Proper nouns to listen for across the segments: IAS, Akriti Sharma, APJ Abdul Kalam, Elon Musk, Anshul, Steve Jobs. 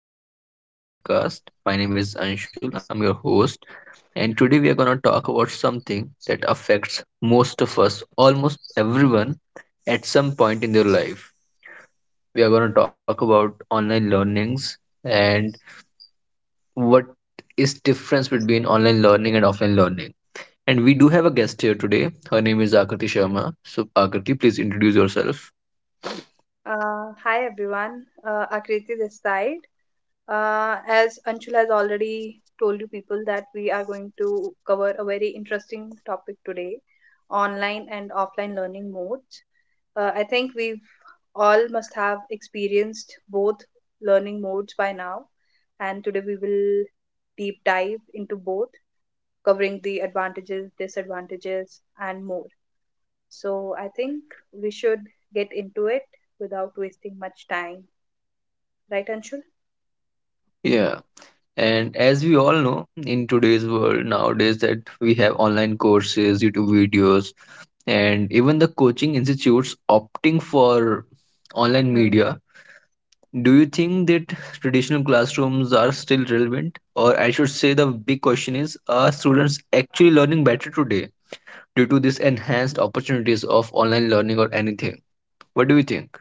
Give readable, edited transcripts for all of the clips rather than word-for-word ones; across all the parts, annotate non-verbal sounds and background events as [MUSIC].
welcome back to our podcast. My name is Anshul, I'm your host, and today we are going to talk about something that affects most of us, almost everyone, at some point in their life. We are going to talk about online learnings and what is difference between online learning and offline learning. And we do have a guest here today. Her name is Akriti Sharma. So Akriti, please introduce yourself. Hi everyone, Akriti this side. As Anshul has already told you people that we are going to cover a very interesting topic today, online and offline learning modes. I think we've all must have experienced both learning modes by now, and today we will deep dive into both, covering the advantages, disadvantages, and more. So I think we should get into it without wasting much time, right, Anshul? Yeah. And as we all know, in today's world nowadays, that we have online courses, YouTube videos, and even the coaching institutes opting for online Hmm. media. Do you think that traditional classrooms are still relevant? Or I should say, the big question is, are students actually learning better today due to this enhanced opportunities of online learning or anything? What do you think?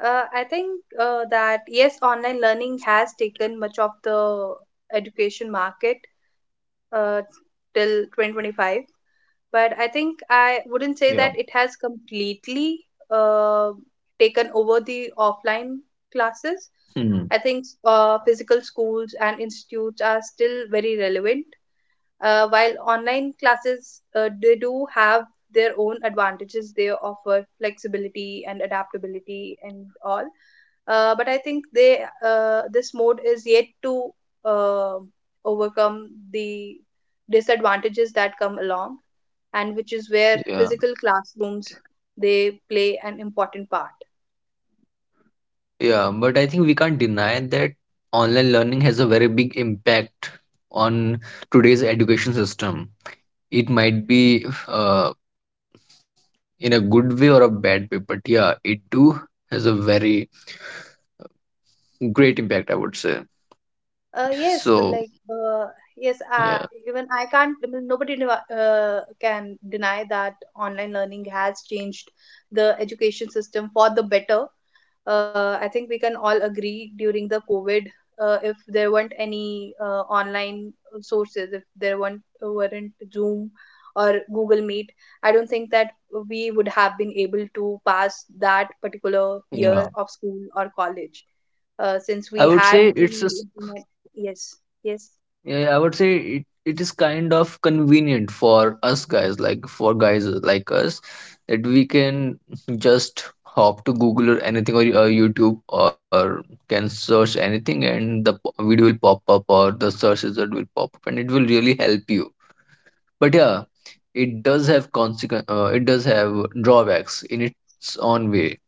I think that yes, online learning has taken much of the education market uh, till 2025, but I think I wouldn't say Yeah. that it has completely uh, taken over the offline classes. Hmm. I think physical schools and institutes are still very relevant, while online classes, they do have their own advantages. They offer flexibility and adaptability and all, but I think they this mode is yet to uh, overcome the disadvantages that come along, and which is where Yeah. physical classrooms, they play an important part. Yeah, but I think we can't deny that online learning has a very big impact on today's education system. It might be in a good way or a bad way, but yeah, it too has a very great impact, I would say. Yes, So, like yes, yeah, even I can't. I mean, nobody can deny that online learning has changed the education system for the better. I think we can all agree during the COVID, if there weren't any online sources, if there weren't Zoom or Google Meet, I don't think that we would have been able to pass that particular yeah, year of school or college, since I we would say had it's a the s- internet. Yes, yes, Yeah, I would say it is kind of convenient for us guys, like for guys like us, that we can just hop to Google or anything or YouTube or can search anything, and video will pop up or the search result will pop up and it will really help you. But yeah, it does have consequence. It does have drawbacks in its own way.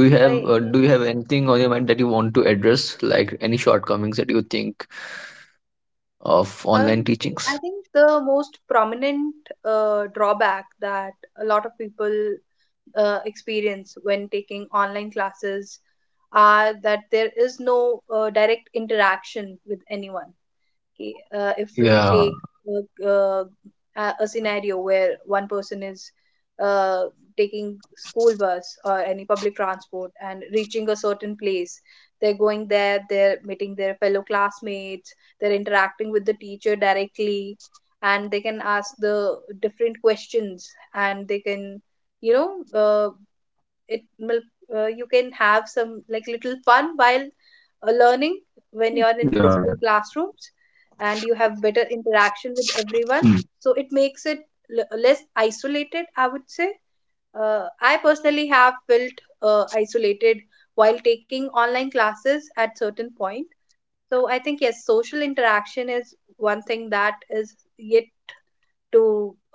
Do you have yes. anything on your mind that you want to address, like any shortcomings that you think of Um, online I teachings? think the most prominent drawback that a lot of people experience when taking online classes are that there is no direct interaction with anyone. If we take Yeah, uh, uh, a scenario where one person is uh, taking school bus or any public transport and reaching a certain place, they're going there, they're meeting their fellow classmates, they're interacting with the teacher directly, and they can ask the different questions, and they can, you know uh, it will, you can have some like little fun while learning yeah, yeah. when you're in physical classrooms, and you have better interaction with Mm. everyone. So it makes it less isolated, I would say. I personally have felt isolated while taking online classes at certain point. So I think, yes, social interaction is one thing that is yet to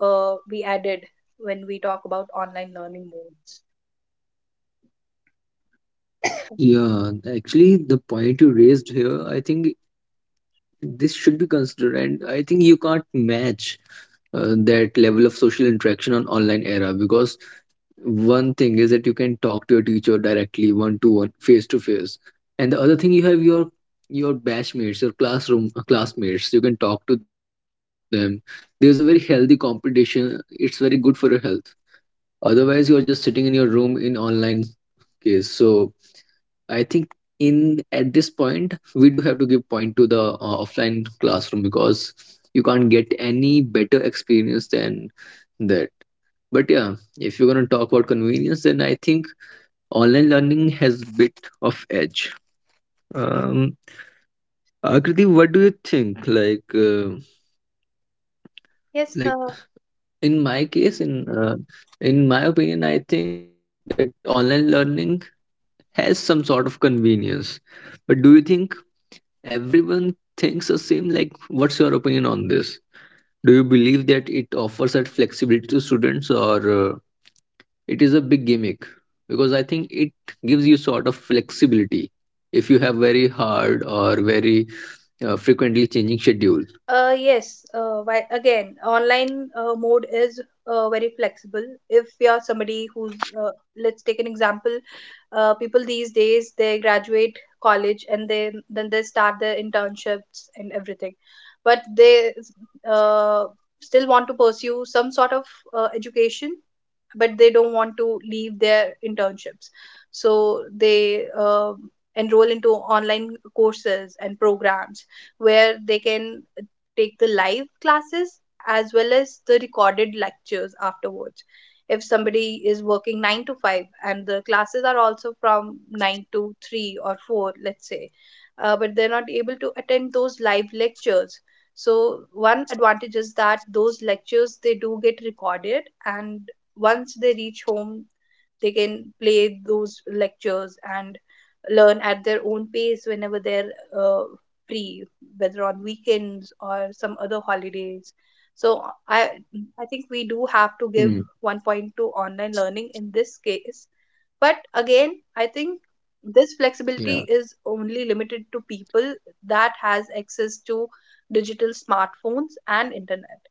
be added when we talk about online learning modes. Yeah, actually, the point you raised here, I think this should be considered, and I think you can't match that level of social interaction on online era, because one thing is that you can talk to your teacher directly, one to one, face to face, and the other thing, you have your batchmates, your classroom classmates. You can talk to them. There's a very healthy competition. It's very good for your health. Otherwise, you are just sitting in your room in online case. So I think in at this point we do have to give point to the offline classroom, because you can't get any better experience than that. But yeah, if you're gonna talk about convenience, then I think online learning has bit of edge. Um, Akriti, what do you think? Yes, Like in my case, yeah. In my opinion, I think that online learning has some sort of convenience. But do you think Everyone thinks the same. Like, what's your opinion on this? Do you believe that it offers that flexibility to students, or it is a big gimmick? Because I think it gives you sort of flexibility if you have very hard or very frequently changing schedule. Yes, why, again, online mode is very flexible. If you're somebody who's, let's take an example. People these days, they graduate college, and they then they start their internships and everything, but they uh, still want to pursue some sort of education, but they don't want to leave their internships, so they enroll into online courses and programs where they can take the live classes as well as the recorded lectures afterwards. If somebody is working 9 to 5 and the classes are also from 9 to 3 or 4, let's say, but they're not able to attend those live lectures. So one advantage is that those lectures, they do get recorded, and once they reach home, they can play those lectures and learn at their own pace whenever they're uh, free, whether on weekends or some other holidays. So i I think we do have to give one Hmm. point to online learning in this case. But again, I think this flexibility is Yeah, only limited to people that has access to digital smartphones and internet.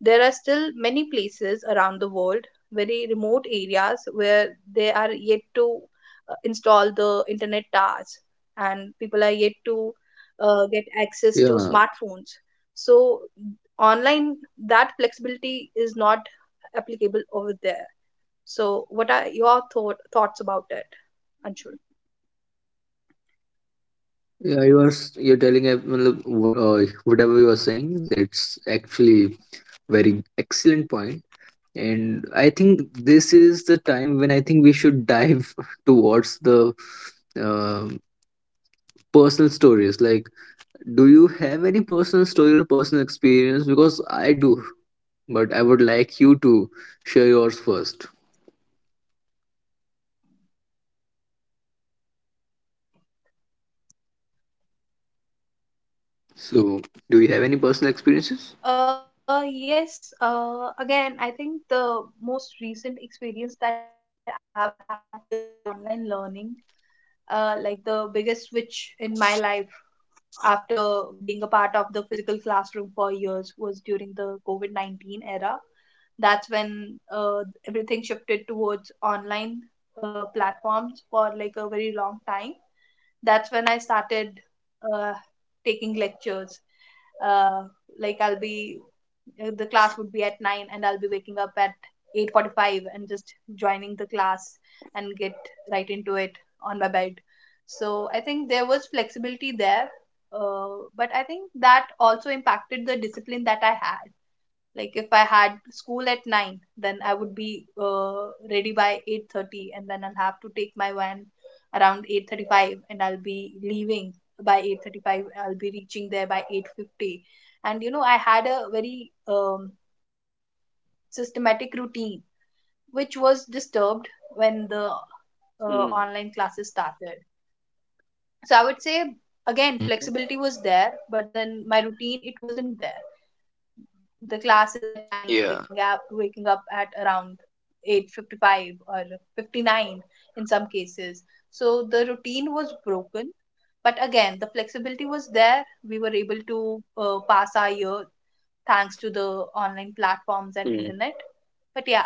There are still many places around the world, very remote areas, where they are yet to install the internet towers, and people are yet to get access to yeah, smartphones. So, online, that flexibility is not applicable over there. So, what are your thoughts about it, Anshul? yeah. Matlab, whatever you are saying. That's actually very excellent point. And I think this is the time when I think we should dive [LAUGHS] towards the uh, personal stories. Like, do you have any personal story or personal experience? Because I do, but I would like you to share yours first. So do you have any personal experiences? Yes, again, I think the most recent experience that I've had with online learning, like the biggest switch in my life after being a part of the physical classroom for years, was during the COVID COVID-19 era. That's when everything shifted towards online platforms for like a very long time. That's when I started uh, taking lectures. Uh, like I'll be the class would be at 9, and I'll be waking up at 8:45 and just joining the class and get right into it on my bed. So I think there was flexibility there, but I think that also impacted the discipline that I had. Like, if I had school at 9, then I would be ready by 8:30, and then I'll have to take my van around 8:35, and I'll be leaving by 8:35, I'll be reaching there by 8:50. And you know, I had a very systematic routine, which was disturbed when the Mm. online classes started. So I would say, again, Mhm. flexibility was there, but then my routine, it wasn't there. The classes at 9, I'm Yeah. waking up at around 8:55 or 59 in some cases. So the routine was broken, but again the flexibility was there. We were able to pass our year, thanks to the online platforms Mm. and internet.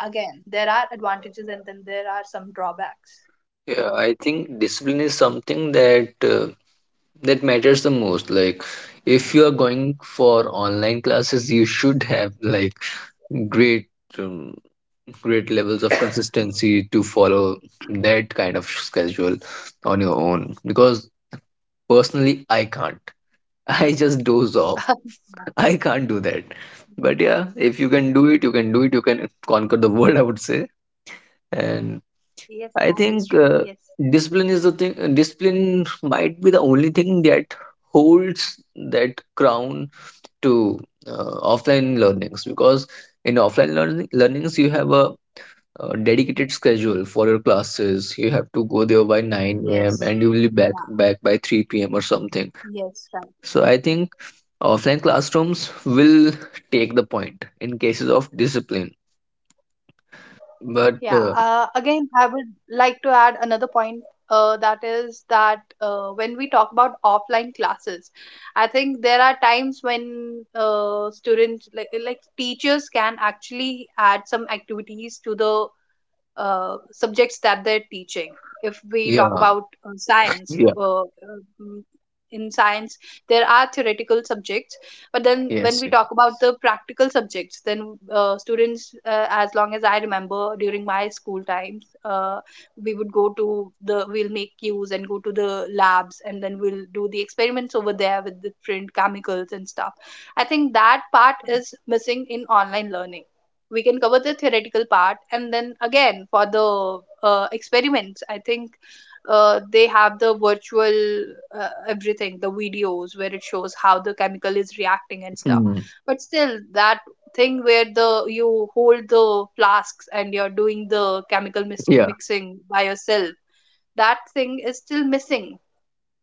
But yeah, again, there are advantages and then there are some drawbacks. Yeah. I think discipline is something that matters the most. Like, if you are going for online classes, you should have like Great, um, great levels of consistency to follow that kind of schedule on your own. Because personally, I can't. [LAUGHS] I just doze off. [LAUGHS] Yeah. I can't do that. But yeah, if you can do it, you can do it. You can conquer the [LAUGHS] world, I would say. And Yes, I that think is true. Yes. discipline is the thing. Discipline might be the only thing that holds that crown to offline learnings, because in offline learnings you have a dedicated schedule for your classes. You have to go there by 9 a.m. Yes. and you will be back Yeah. back by 3 p.m. or something. Yes, right. So I think offline classrooms will take the point in cases of discipline. But Yeah. uh, Again, I would like to add another point. That is that when we talk about offline classes, I think there are times when students, like teachers, can actually add some activities to the subjects that they're teaching. If we talk yeah, about science, yeah, mm, in science, there are theoretical subjects, but then when yes, we yes. talk about the practical subjects, then students, as long as I remember during my school times, we would go to the, we'll make queues and go to the labs, and then we'll do the experiments over there with different chemicals and stuff. I think that part is missing in online learning. We can cover the theoretical part, and then again, for the experiments, I think they have the virtual everything, the videos where it shows how the chemical is reacting and stuff. Mm. But still, that thing where the you hold the flasks and you're doing the chemical Yeah, mixing by yourself, that thing is still missing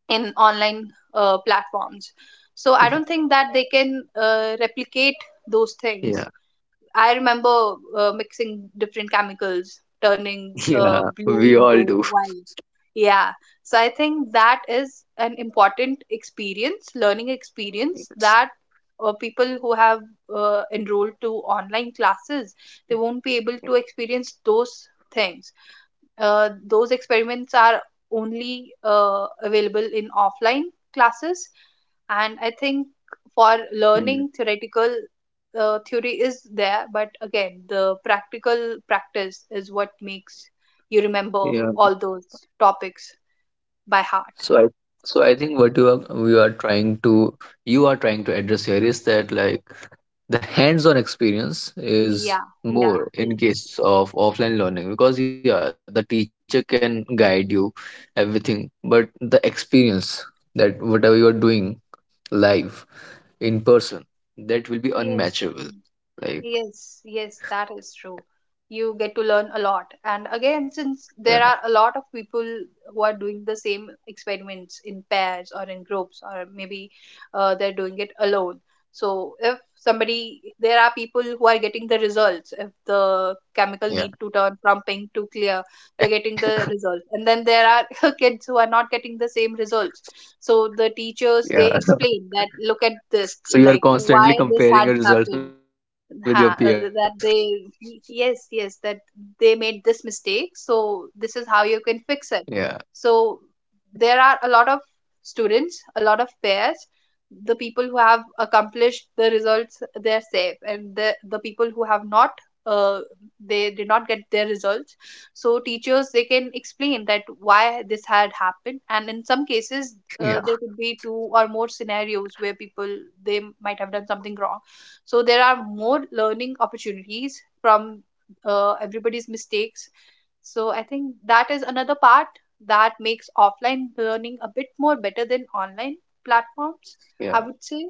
in online platforms. So I don't think that they can replicate those things. yeah. I remember mixing different chemicals, turning [LAUGHS] Yeah, blue we all into do. white. Yeah. So I think that is an important experience, learning experience, Yes. that people who have enrolled to online classes, they won't be able Yeah. to experience those things. Those experiments are only available in offline classes. And I think for learning Mm. theoretical, theory is there, but again the practical practice is what makes you remember Yeah. all those topics by heart. So I, so I think what you are we are trying to, you are trying to address here is that, like, the hands-on experience is Yeah, yeah. more in Yes, case of offline learning, because yeah, the teacher can guide you everything, but the experience that whatever you are doing live in person, that will be unmatchable. yes. Like, Yes, yes, that is true. You get to learn a lot. And again, yeah, since there are a lot of people who are doing the same experiments in pairs or in groups, or maybe they're doing it alone. So, if somebody, there are people who are getting the results, if the yeah, chemical need to turn from pink to clear, they're getting the results. And then there are [LAUGHS] kids who are not getting the same results. So, the yeah. teachers, they explain that, look at [LAUGHS] So you this, are like constantly why comparing your this had results with your happened. peers. That they Yes, yes, that they made this mistake, so this is [LAUGHS] how you Yeah, can fix it. So there are a lot of students, a lot of pairs. The people who have accomplished the results, they're safe, and the people who have not, uh, they did not get their results. So teachers, they can explain that why this had happened. And in some cases, yeah, there could be two or more scenarios where people, they might have done something wrong. So there are more learning opportunities from everybody's mistakes. So I think that is another part that makes offline learning a bit more better than online platforms, I yeah. would say.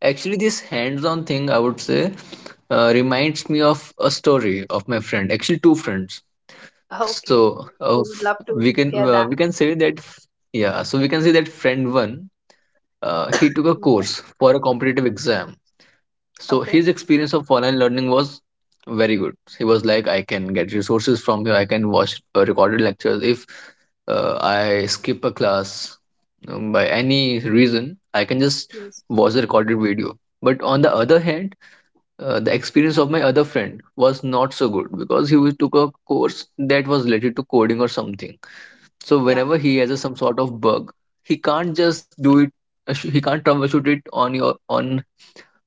Actually, this hands-on thing, I would say, reminds me of a story of my friend. Actually, two friends. [LAUGHS] Okay. So, We would love to hear we that. can say that, yeah. So we can say that friend one, he took a Okay. course for a competitive exam, so Okay. his experience of online learning was very good. He was like, I can get resources from here. I can watch recorded lectures. If I skip a class by any reason, I can just Yes. watch the recorded video. But on the other hand, the experience Yeah, of my other friend was not so good, because he took a course that was related to coding or something. So yeah, whenever he has a, some sort of bug, he can't just do it. He can't troubleshoot it on your on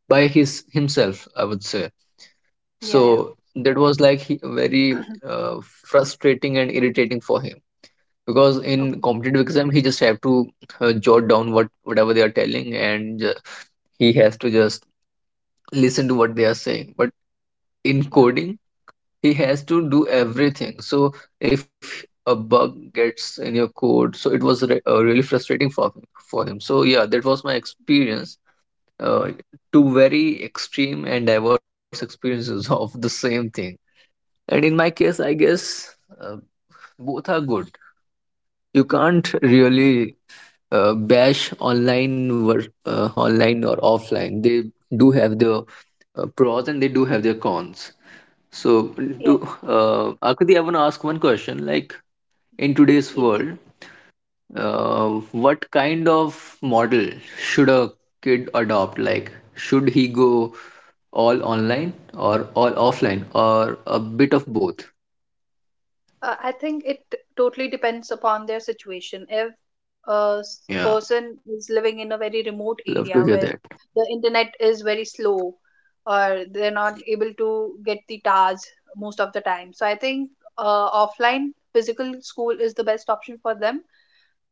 by his himself, I would say. yeah, So that was like, yeah. very [CLEARS THROAT] frustrating and irritating for him, because in Okay. competitive exam he just have to jot down whatever they are telling, and he has to just listen to what they are saying. But in Yeah. coding he has to do everything. So if a bug gets in your code, so it was re really frustrating for him, for him. So yeah, that was my experience. Uh, Two very extreme and diverse experiences [LAUGHS] of the same thing. And in my case, I guess uh, both are good. You can't really bash online or offline. They do have their pros, and they do have their cons. So, Yes, to Akriti, I want to ask one question. Like, in today's yes. world, uh, what kind of model should a kid adopt? Like, should he go all online or all offline or a bit of both? I think it totally depends upon their situation. If a Yeah, person is living in a very remote love area to hear where that. the internet is very slow, or they're not able to get the TARS most of the time. So I think offline physical school is the best option for them,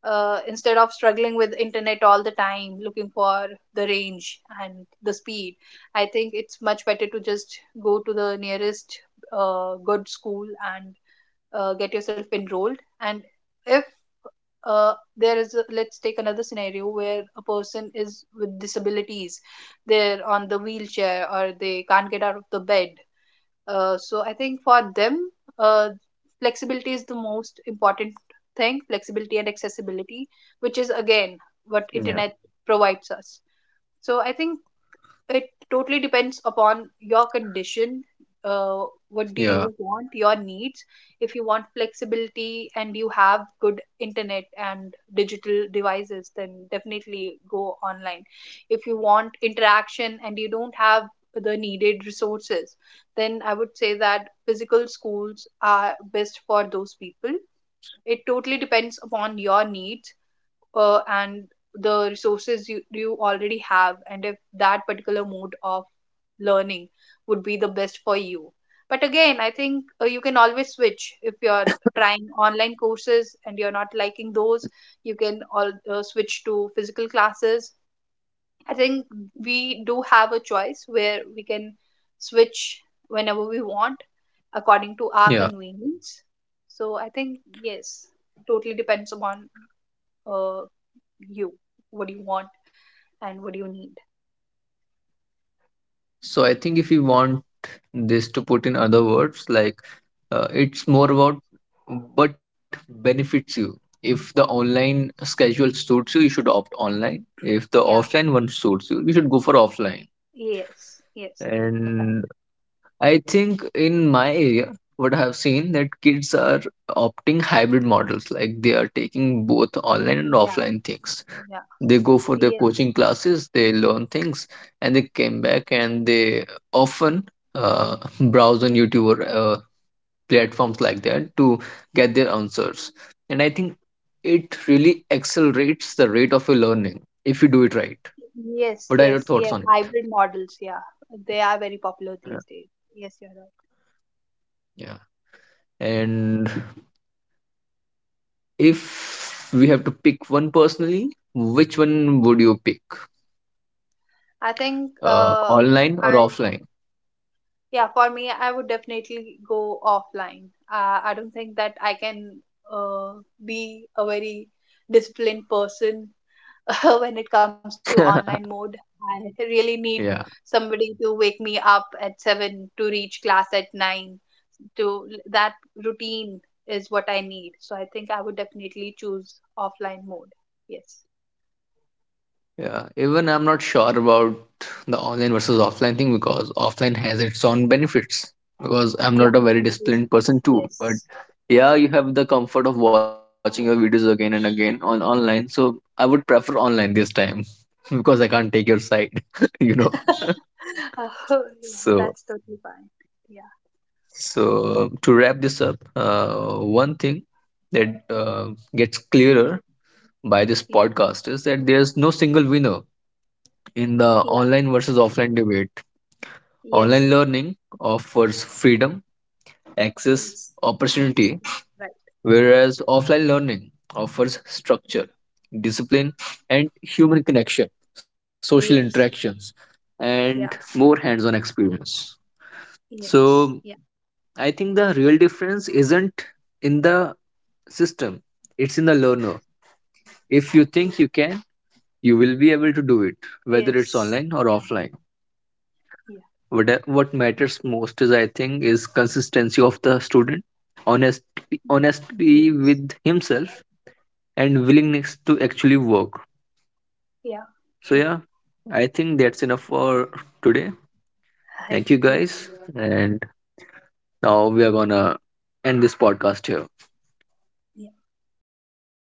instead of struggling with internet all the time, looking for the range and the speed. I think it's much better to just go to the nearest good school, and get yourself enrolled. And if there is a, let's take another scenario where a person is with disabilities, they're on the wheelchair or they can't get out of the bed. So I think for them, uh, flexibility is the most important thing, flexibility and accessibility, which is again what internet provides us. So I think it totally depends upon your condition. Uh, what do Yeah, you want, your needs? If you want flexibility and you have good internet and digital devices, then definitely go online. If you want interaction and you don't have the needed resources, then I would say that physical schools are best for those people. It totally depends upon your needs, and the resources you already have, and if that particular mode of learning would be the best for you. But again, I think you can always switch. If you're trying online courses and you're not liking those, you can all switch to physical classes. I think we do have a choice where we can switch whenever we want, according to our yeah. convenience. So I think, yes, totally depends upon uh, you. What do you want and what do you need? So I think if you want this to put in other words, like it's more about what benefits you. If the online schedule suits you, you should opt online. If the Yeah. offline one suits you, you should go for offline. Yes, yes, right. And I think in my area, what I have seen, that kids are opting hybrid models, like they are taking both online and Yeah, offline things. yeah. They go for their Yes, coaching classes. They learn things, and they came back, and they often [LAUGHS] browse on YouTube or platforms like that to get their answers. And I think it really accelerates the rate of your learning if you do it right. yes, What are yes. your thoughts Yeah, on it? hybrid models. Yeah, they are very popular Yeah. these days. Yes, you're right. Yeah. And if we have to pick one personally, which one would you pick, I think online or I offline? yeah, for me, I would definitely go offline. I don't think that I can uh, be a very disciplined person [LAUGHS] when it comes to online mode. [LAUGHS] I really need Yeah. somebody to wake me up at 7 to reach class at 9, to that routine is what I need. So I think I would definitely choose offline mode. Yes. Yeah, even I'm not sure about the online versus offline thing, because offline has its own benefits. Because Yeah, I'm not a that very is, disciplined person too, yes. but yeah, you have the comfort of watching your videos again and again on online. So I would prefer online this time [LAUGHS] because I can't take your side. [LAUGHS] you know. [LAUGHS] Oh, yeah, So, that's totally fine. Yeah. so, to wrap this up, one thing that gets clearer by this Yes. podcast is that there's no single winner in the Yeah. online versus offline debate. Online Yes. learning offers freedom, access, Yes. Yes. opportunity, Right. whereas offline learning offers structure, discipline, and human connection, social Yes. interactions, Yeah. and Yeah. more hands on experience. So, Yes. Yeah. I think the real difference isn't in the system, it's in the learner. If you think you can, you will be able to do it, whether it's Yes. online or Yeah. offline. Yeah. What matters most is I think is consistency of the student. Honesty Yes. with himself, and willingness to actually work. 标 So 注 yeah, I think that's enough for today. 黑 Thank you 夜。夜 guys, and now we are gonna end this podcast here.